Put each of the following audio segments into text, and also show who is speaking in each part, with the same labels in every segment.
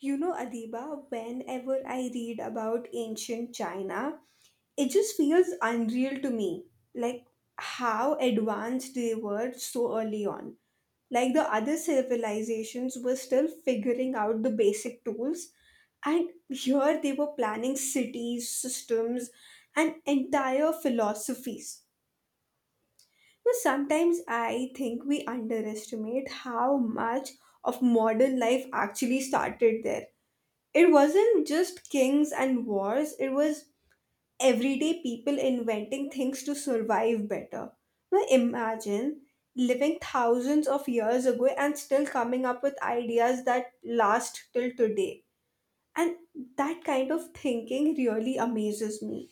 Speaker 1: You know, Adiba, whenever I read about ancient China, it just feels unreal to me. Like how advanced they were so early on. Like the other civilizations were still figuring out the basic tools, and here they were planning cities, systems, and entire philosophies. But sometimes I think we underestimate how much of modern life actually started there. It wasn't just kings and wars, it was everyday people inventing things to survive better. Now imagine living thousands of years ago and still coming up with ideas that last till today, and that kind of thinking really amazes me.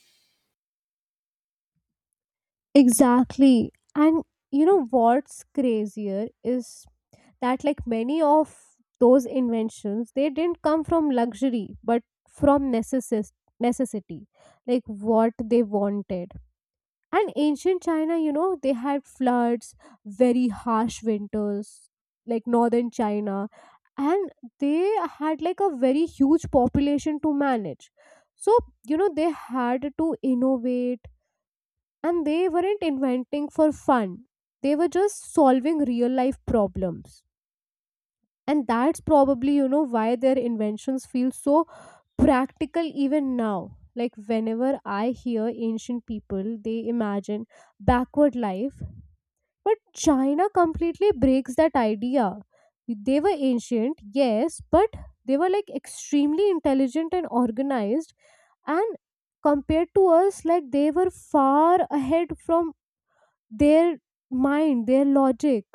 Speaker 2: Exactly. And you know what's crazier is that like many of those inventions they didn't come from luxury but from necessity, like what they wanted. And ancient China, you know, they had floods, very harsh winters, like northern China, and they had like a very huge population to manage. So, you know, they had to innovate and they weren't inventing for fun, they were just solving real life problems, and that's probably you know why their inventions feel so practical even now. Like whenever I hear ancient people they imagine backward life, but China completely breaks that idea. They were ancient, yes, but they were like extremely intelligent and organized. And compared to us, like they were far ahead from their mind, their logic.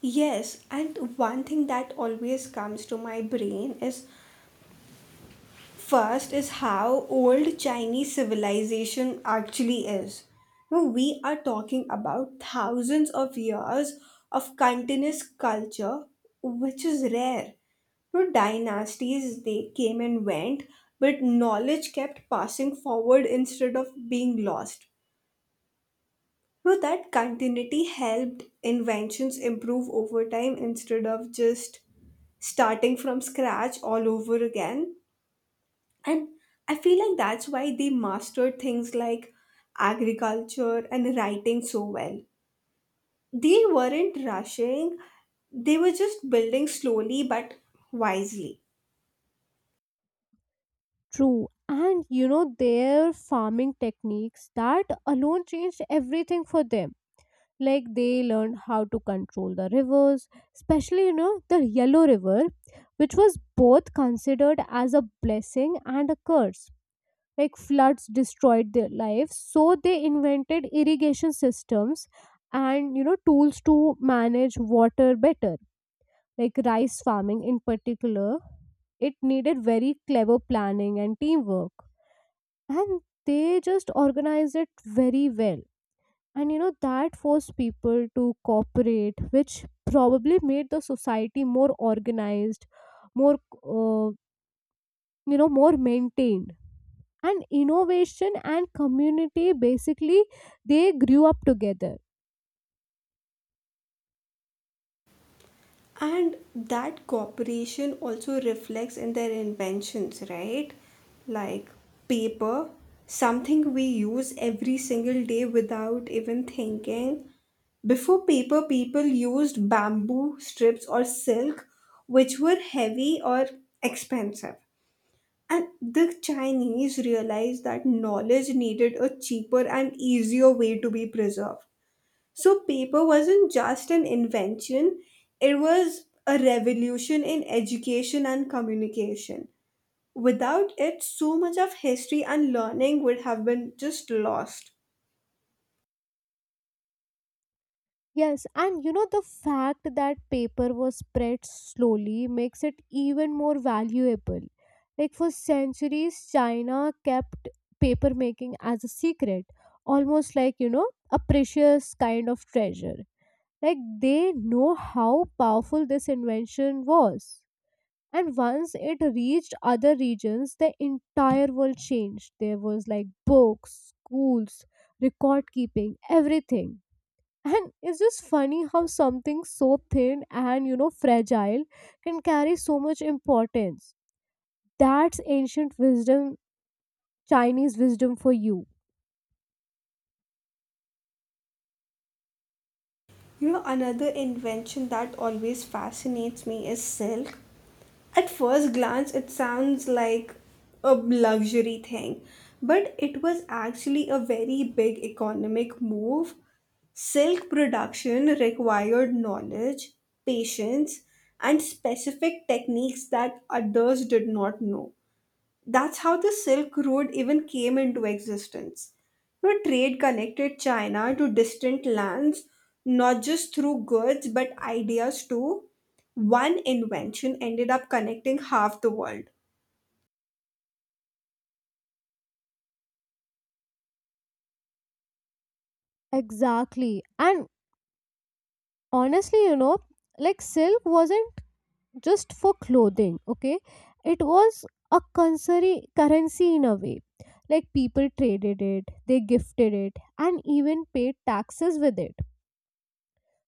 Speaker 1: Yes, and one thing that always comes to my brain is, first, is how old Chinese civilization actually is. Now, we are talking about thousands of years of continuous culture, which is rare. Now, dynasties they came and went, but knowledge kept passing forward instead of being lost. Now, that continuity helped inventions improve over time instead of just starting from scratch all over again. And I feel like that's why they mastered things like agriculture and writing so well. They weren't rushing, they were just building slowly but wisely.
Speaker 2: True. And you know, their farming techniques, that alone changed everything for them. Like they learned how to control the rivers, especially, you know, the Yellow River, which was both considered as a blessing and a curse. Like floods destroyed their lives, so they invented irrigation systems and, you know, tools to manage water better. Like rice farming in particular, it needed very clever planning and teamwork. And they just organized it very well. And you know, that forced people to cooperate, which probably made the society more organized, more, uh, you know, more maintained. And innovation and community basically they grew up together.
Speaker 1: And that cooperation also reflects in their inventions, right? Like paper, something we use every single day without even thinking. Before paper, people used bamboo strips or silk, which were heavy or expensive. And the Chinese realized that knowledge needed a cheaper and easier way to be preserved. So paper wasn't just an invention, it was a revolution in education and communication. Without it, so much of history and learning would have been just lost.
Speaker 2: Yes, and you know the fact that paper was spread slowly makes it even more valuable. Like for centuries, China kept paper making as a secret, almost like you know a precious kind of treasure. Like they know how powerful this invention was. And once it reached other regions, the entire world changed. There was like books, schools, record keeping, everything, and it's just funny how something so thin and you know fragile can carry so much importance. That's ancient wisdom, Chinese wisdom for you.
Speaker 1: You know, another invention that always fascinates me is silk. At first glance, it sounds like a luxury thing, but it was actually a very big economic move. Silk production required knowledge, patience, and specific techniques that others did not know. That's how the Silk Road even came into existence. You know, trade connected China to distant lands, not just through goods but ideas too. One invention ended up connecting half the world.
Speaker 2: Exactly. And honestly, you know, like silk wasn't just for clothing, okay? It was a currency in a way. Like people traded it, they gifted it, and even paid taxes with it.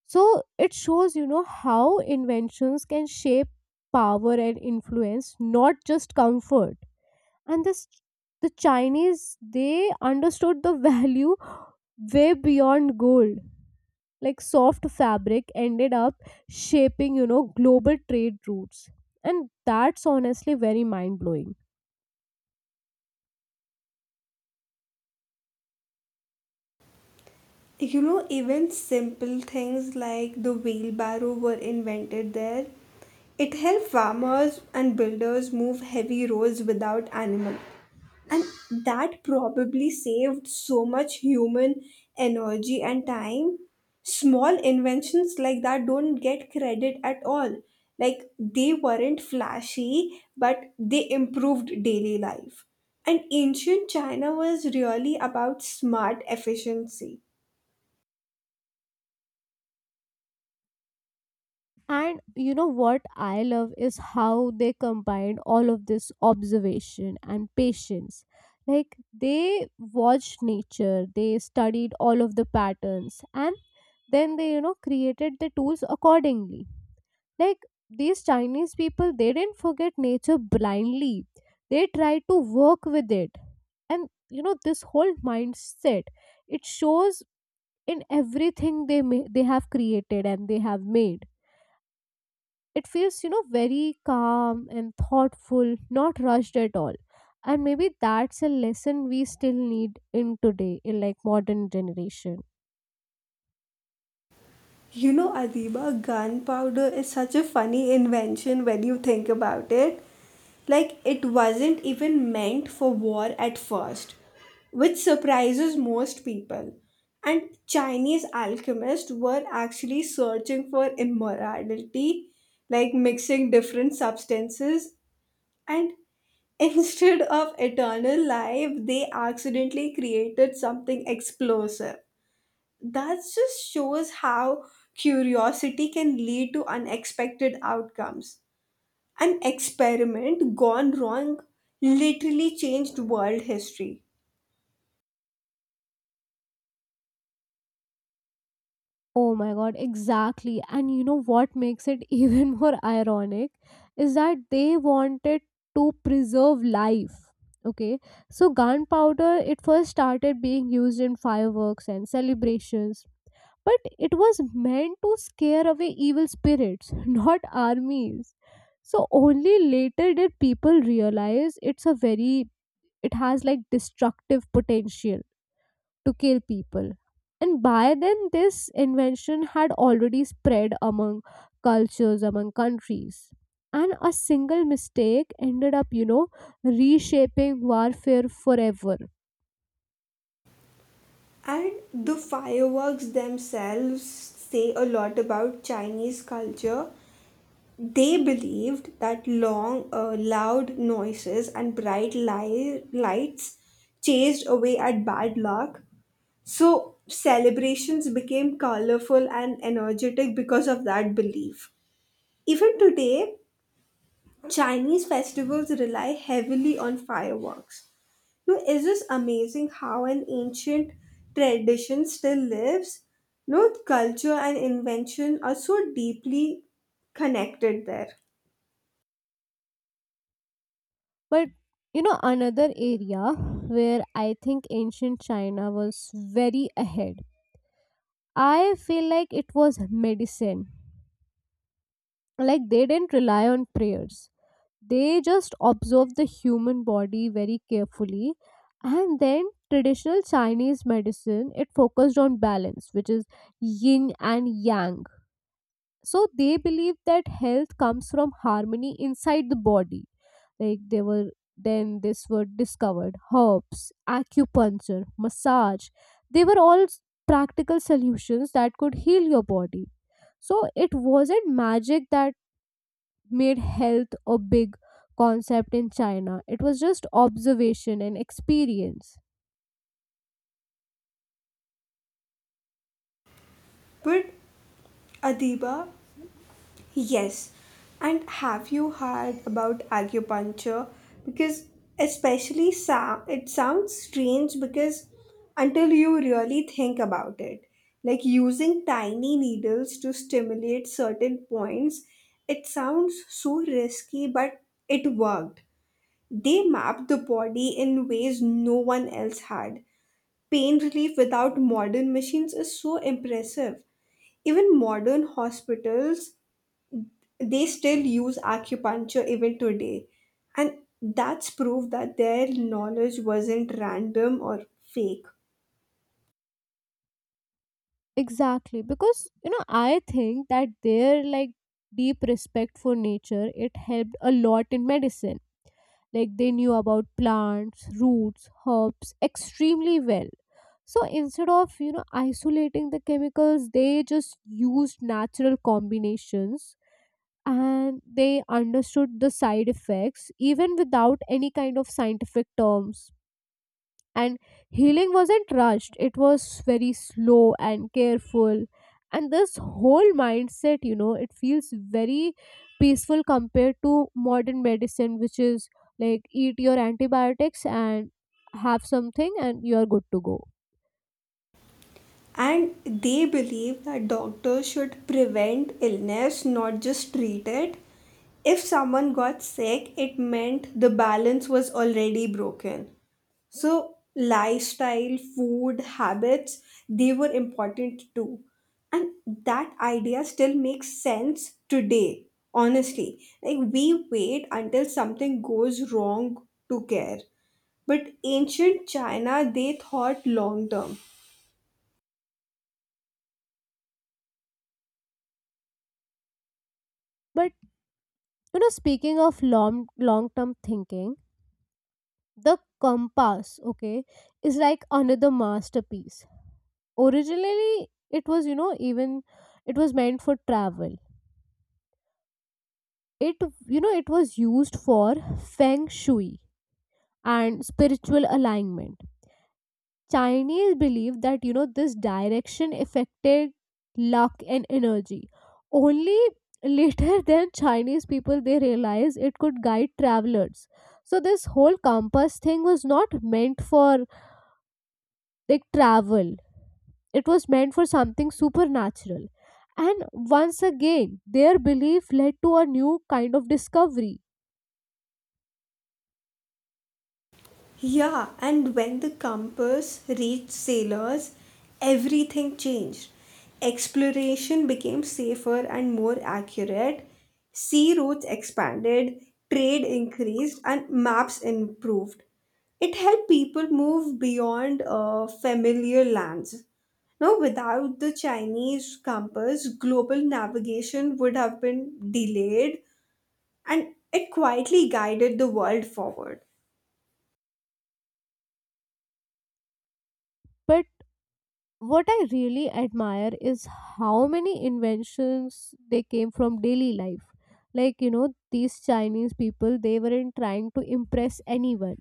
Speaker 2: So it shows, you know, how inventions can shape power and influence, not just comfort. And this, the Chinese, they understood the value way beyond gold. Like soft fabric ended up shaping, you know, global trade routes. And that's honestly very mind blowing.
Speaker 1: You know, even simple things like the wheelbarrow were invented there. It helped farmers and builders move heavy roads without animals, and that probably saved so much human energy and time. Small inventions like that don't get credit at all. Like they weren't flashy, but they improved daily life, and ancient China was really about smart efficiency.
Speaker 2: And you know what I love is how they combined all of this observation and patience. Like they watched nature, they studied all of the patterns, and then they, you know, created the tools accordingly. Like these Chinese people, they didn't forget nature blindly, they tried to work with it. And you know, this whole mindset, it shows in everything they may, they have created and they have made. It feels you know very calm and thoughtful, not rushed at all. And maybe that's a lesson we still need in today in like modern generation.
Speaker 1: You know, Adiba, gunpowder is such a funny invention when you think about it. Like, it wasn't even meant for war at first, which surprises most people. And Chinese alchemists were actually searching for immorality, like mixing different substances. And instead of eternal life, they accidentally created something explosive. That just shows how curiosity can lead to unexpected outcomes. An experiment gone wrong literally changed world history.
Speaker 2: Oh my god, exactly. And you know what makes it even more ironic is that they wanted to preserve life, okay? So gunpowder, it first started being used in fireworks and celebrations, but it was meant to scare away evil spirits, not armies. So only later did people realize it's a very, it has like destructive potential to kill people. And by then this invention had already spread among cultures, among countries. And a single mistake ended up, you know, reshaping warfare forever.
Speaker 1: And the fireworks themselves say a lot about Chinese culture. They believed that long, loud noises and bright lights chased away at bad luck. So celebrations became colorful and energetic because of that belief. Even today, Chinese festivals rely heavily on fireworks. No, is this amazing how an ancient tradition still lives? No, culture and invention are so deeply connected there.
Speaker 2: But you know, another area where I think ancient China was very ahead, I feel like it was medicine. Like they didn't rely on prayers, they just observed the human body very carefully. And then traditional Chinese medicine, it focused on balance, which is yin and yang. So they believe that health comes from harmony inside the body. Like they were, then this were discovered, herbs, acupuncture, massage, they were all practical solutions that could heal your body. So it wasn't magic that made health a big concept in China. It was just observation and experience.
Speaker 1: But Adiba, yes. And have you heard about acupuncture? Because, especially sa it sounds strange, because until you really think about it, like using tiny needles to stimulate certain points, it sounds so risky, but it worked. They mapped the body in ways no one else had. Pain relief without modern machines is so impressive. Even modern hospitals, they still use acupuncture even today. And that's proof that their knowledge wasn't random or fake.
Speaker 2: Exactly, because you know, I think that their like deep respect for nature it helped a lot in medicine. Like they knew about plants, roots, herbs extremely well. So instead of you know isolating the chemicals, they just used natural combinations, and they understood the side effects even without any kind of scientific terms. And healing wasn't rushed, it was very slow and careful. And this whole mindset you know it feels very peaceful compared to modern medicine, which is like eat your antibiotics and have something and you're good to go.
Speaker 1: And they believe that doctors should prevent illness, not just treat it. If someone got sick, it meant the balance was already broken. So, lifestyle, food, habits, they were important too. And that idea still makes sense today, honestly. Like, we wait until something goes wrong to care. But ancient China, they thought long term.
Speaker 2: But you know, speaking of long long term thinking, the compass, okay, is like another masterpiece. Originally, it was you know, even it was meant for travel. It, you know, it was used for feng shui and spiritual alignment. Chinese believe that you know this direction affected luck and energy. Only later than Chinese people, they realized it could guide travelers. So this whole compass thing was not meant for like travel, it was meant for something supernatural. And once again, their belief led to a new kind of discovery.
Speaker 1: Yeah, and when the compass reached sailors, everything changed. Exploration became safer and more accurate, sea routes expanded, trade increased, and maps improved. It helped people move beyond familiar lands. Now, without the Chinese compass, global navigation would have been delayed, and it quietly guided the world forward.
Speaker 2: But what I really admire is how many inventions they came from daily life. Like, you know, these Chinese people, they weren't trying to impress anyone.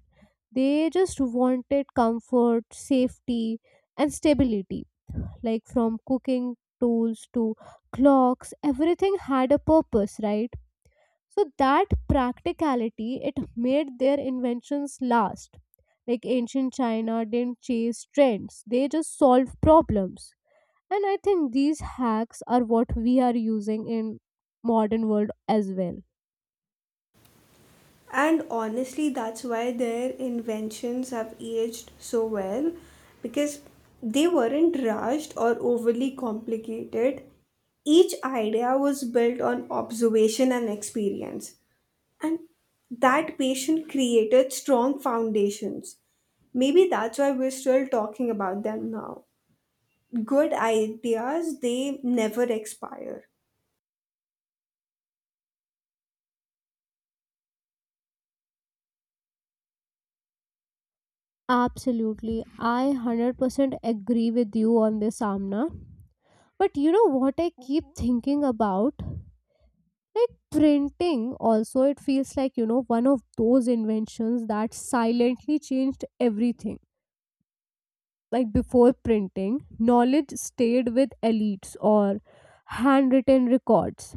Speaker 2: They just wanted comfort, safety, and stability. Like, from cooking tools to clocks, everything had a purpose, right? So, that practicality, it made their inventions last. Like, ancient China didn't chase trends, they just solved problems, and I think these hacks are what we are using in modern world as well.
Speaker 1: And honestly, that's why their inventions have aged so well, because they weren't rushed or overly complicated. Each idea was built on observation and experience, and that patient created strong foundations. Maybe that's why we're still talking about them now. Good ideas, they never expire.
Speaker 2: Absolutely. I 100% agree with you on this, Amna. But you know what I keep thinking about, like printing also, it feels like you know one of those inventions that silently changed everything. Like before printing, knowledge stayed with elites or handwritten records,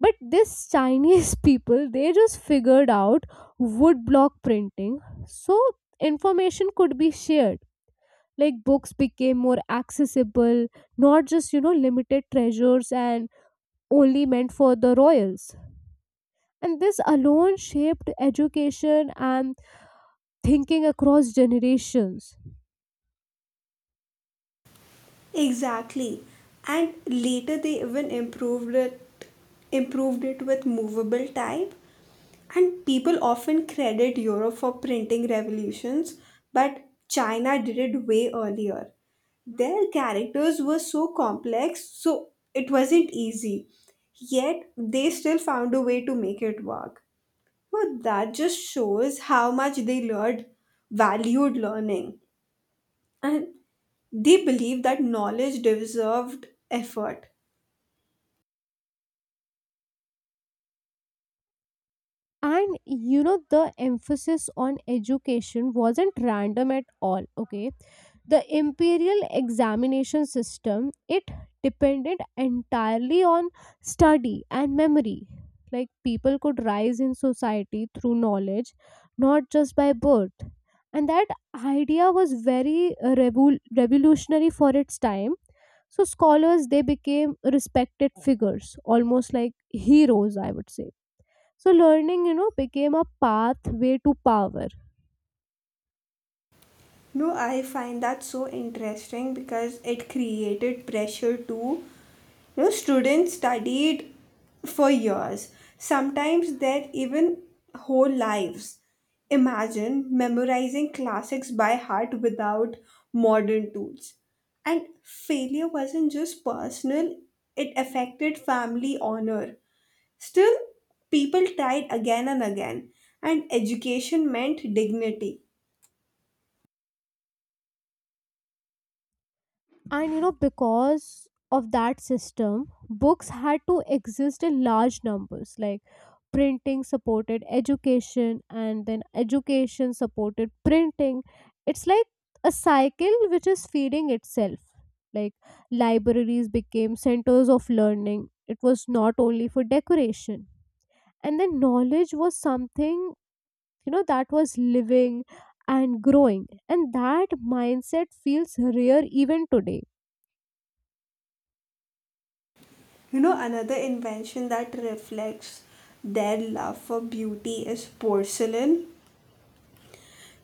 Speaker 2: but this Chinese people they just figured out wood block printing. So information could be shared, like books became more accessible, not just you know limited treasures and only meant for the royals. And this alone shaped education and thinking across generations.
Speaker 1: Exactly. And later they even improved it with movable type. And people often credit Europe for printing revolutions, but China did it way earlier. Their characters were so complex, so it wasn't easy. Yet they still found a way to make it work. Well, that just shows how much they valued learning. And they believe that knowledge deserved effort.
Speaker 2: And you know the emphasis on education wasn't random at all, okay? The imperial examination system, it depended entirely on study and memory. Like people could rise in society through knowledge, not just by birth. And that idea was very revolutionary for its time. So scholars, they became respected figures, almost like heroes I would say. So learning, you know, became a pathway to power.
Speaker 1: No, I find that so interesting because it created pressure to, you know, students studied for years, sometimes their even whole lives. Imagine memorizing classics by heart without modern tools. And failure wasn't just personal, it affected family honor. Still, people tried again and again, and education meant dignity.
Speaker 2: And, you know, because of that system, books had to exist in large numbers. Like printing supported education, and then education supported printing. It's like a cycle which is feeding itself. Like libraries became centers of learning, it was not only for decoration. And then knowledge was something you know that was living and growing, and that mindset feels rare even today.
Speaker 1: You know, another invention that reflects their love for beauty is porcelain.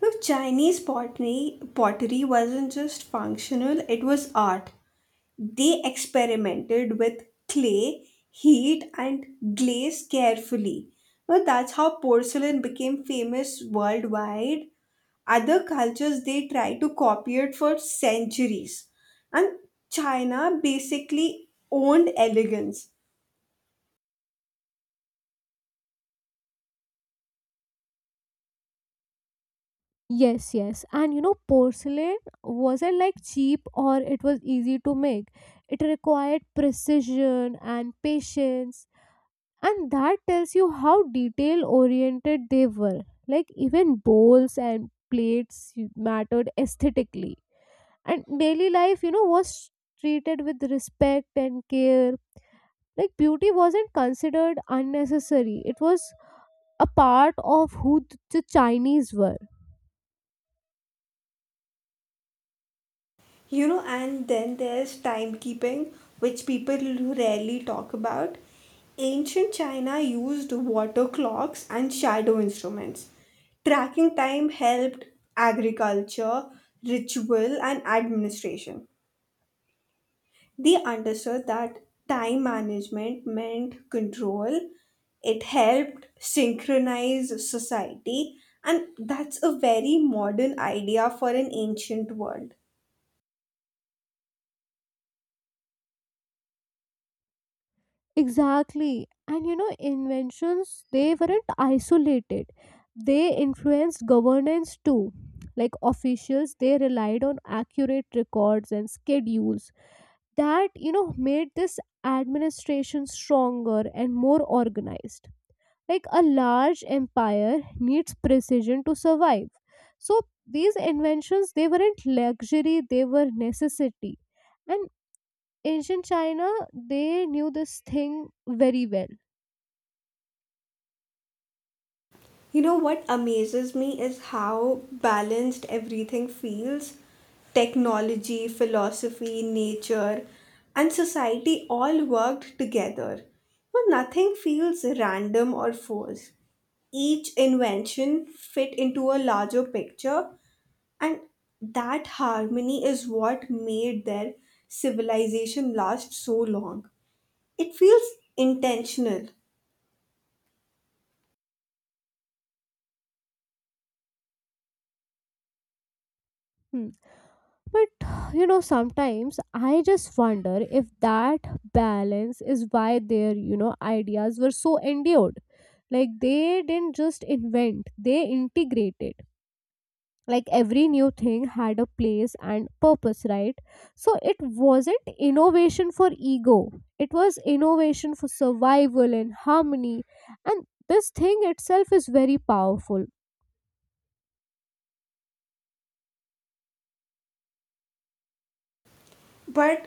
Speaker 1: Look, pottery wasn't just functional, it was art. They experimented with clay, heat, and glaze carefully. Now, that's how porcelain became famous worldwide. Other cultures they tried to copy it for centuries. And China basically owned elegance.
Speaker 2: Yes, yes, and you know porcelain wasn't like cheap or it was easy to make. It required precision and patience, and that tells you how detail oriented they were. Like even bowls and plates mattered aesthetically, and daily life you know was treated with respect and care. Like beauty wasn't considered unnecessary, it was a part of who the Chinese were.
Speaker 1: You know, and then there's timekeeping, which people rarely talk about. Ancient China used water clocks and shadow instruments. Tracking time helped agriculture, ritual, and administration. They understood that time management meant control, it helped synchronize society, and that's a very modern idea for an ancient world.
Speaker 2: Exactly. And you know inventions, they weren't isolated, they influenced governance too. Like officials, they relied on accurate records and schedules that you know made this administration stronger and more organized. Like a large empire needs precision to survive. So these inventions, they weren't luxury, they were necessity. And ancient China, they knew this thing very well.
Speaker 1: You know what amazes me is how balanced everything feels. Technology, philosophy, nature, and society all worked together. But nothing feels random or forced. Each invention fit into a larger picture, and that harmony is what made their civilization last so long. It feels intentional.
Speaker 2: Hmm. But you know sometimes I just wonder if that balance is why their you know ideas were so endured. Like they didn't just invent, they integrated. Like every new thing had a place and purpose, right? So it wasn't innovation for ego, it was innovation for survival and harmony. And this thing itself is very powerful.
Speaker 1: But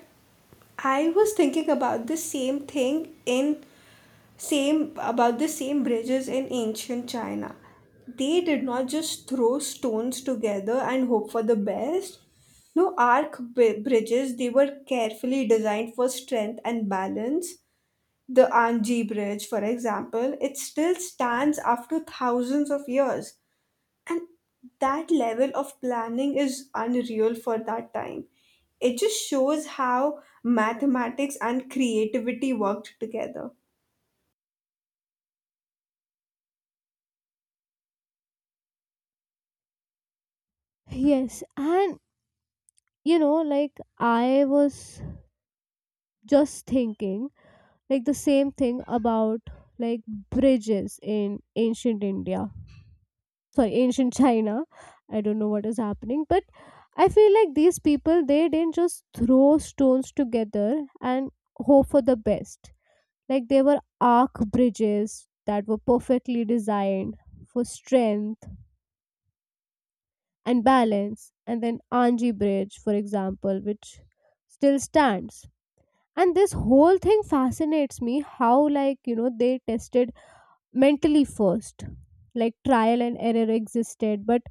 Speaker 1: I was thinking about the same bridges in ancient China. They did not just throw stones together and hope for the best. No, arc bridges, they were carefully designed for strength and balance. The Anji Bridge, for example, it still stands after thousands of years, and that level of planning is unreal for that time. It just shows how mathematics and creativity worked together.
Speaker 2: Yes, and you know like I was just thinking like the same thing about like bridges in ancient India, sorry, ancient China. I don't know what is happening, but I feel like these people they didn't just throw stones together and hope for the best. Like they were arc bridges that were perfectly designed for strength and balance. And then Anji bridge, for example, which still stands. And this whole thing fascinates me how like you know they tested mentally first. Like trial and error existed, but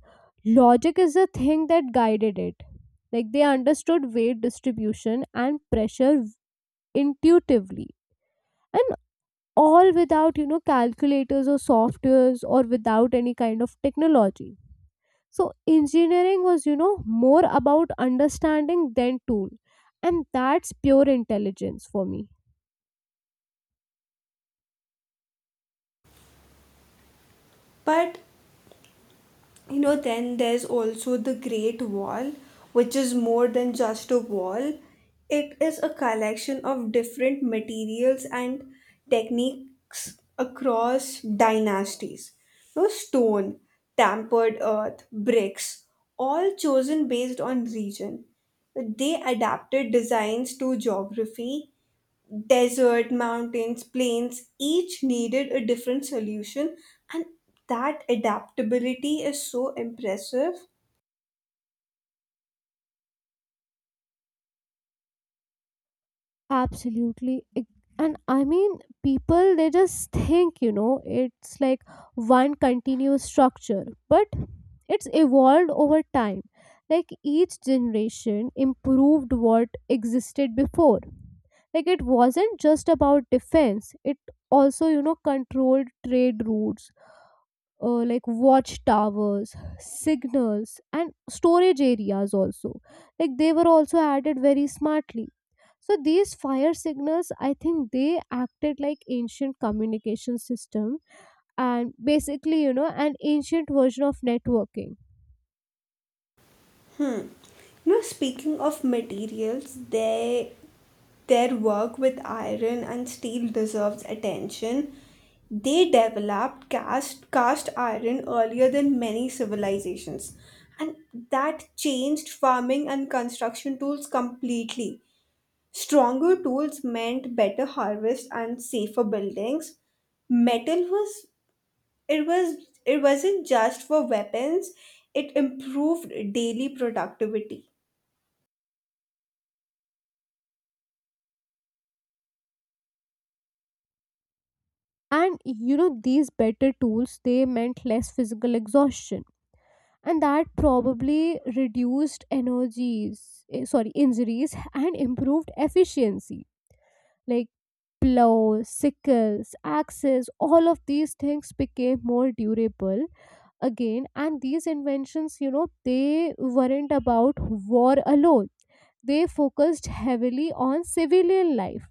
Speaker 2: logic is the thing that guided it. Like they understood weight distribution and pressure intuitively, and all without you know calculators or softwares or without any kind of technology. So engineering was you know more about understanding than tool, and that's pure intelligence for me.
Speaker 1: But you know, then there's also the Great Wall, which is more than just a wall. It is a collection of different materials and techniques across dynasties. No, stone, tampered earth, bricks, all chosen based on region. They adapted designs to geography. Desert, mountains, plains, each needed a different solution, and that adaptability is so impressive.
Speaker 2: Absolutely. And I mean, people, they just think, you know, it's like one continuous structure, but it's evolved over time. Like each generation improved what existed before. Like it wasn't just about defense, it also, you know, controlled trade routes, like watchtowers, signals, and storage areas also. Like they were also added very smartly. So these fire signals, I think they acted like ancient communication system, and basically, you know, an ancient version of networking.
Speaker 1: Hmm. You know, speaking of materials, they their work with iron and steel deserves attention. They developed cast iron earlier than many civilizations, and that changed farming and construction tools completely. Stronger tools meant better harvest and safer buildings. Metal it was wasn't just for weapons, it improved daily productivity.
Speaker 2: And you know these better tools they meant less physical exhaustion, and that probably reduced energies, sorry, injuries, and improved efficiency. Like plows, sickles, axes, all of these things became more durable again. And these inventions you know they weren't about war alone, they focused heavily on civilian life.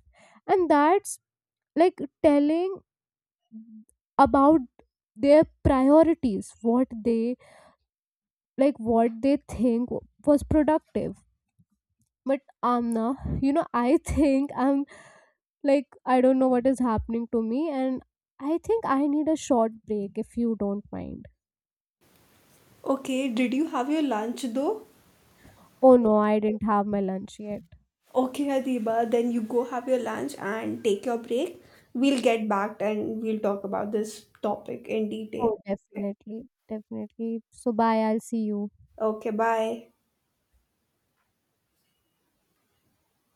Speaker 2: And that's like telling about their priorities, what they like what they think was productive. But Amna, you know I think I'm like I don't know what is happening to me, and I think I need a short break if you don't mind.
Speaker 1: Okay, did you have your lunch though?
Speaker 2: Oh no, I didn't have my lunch yet.
Speaker 1: Okay, Adiba, then you go have your lunch and take your break. We'll get back and we'll talk about this topic in detail.
Speaker 2: Oh definitely, definitely. So bye, I'll see you.
Speaker 1: Okay, bye.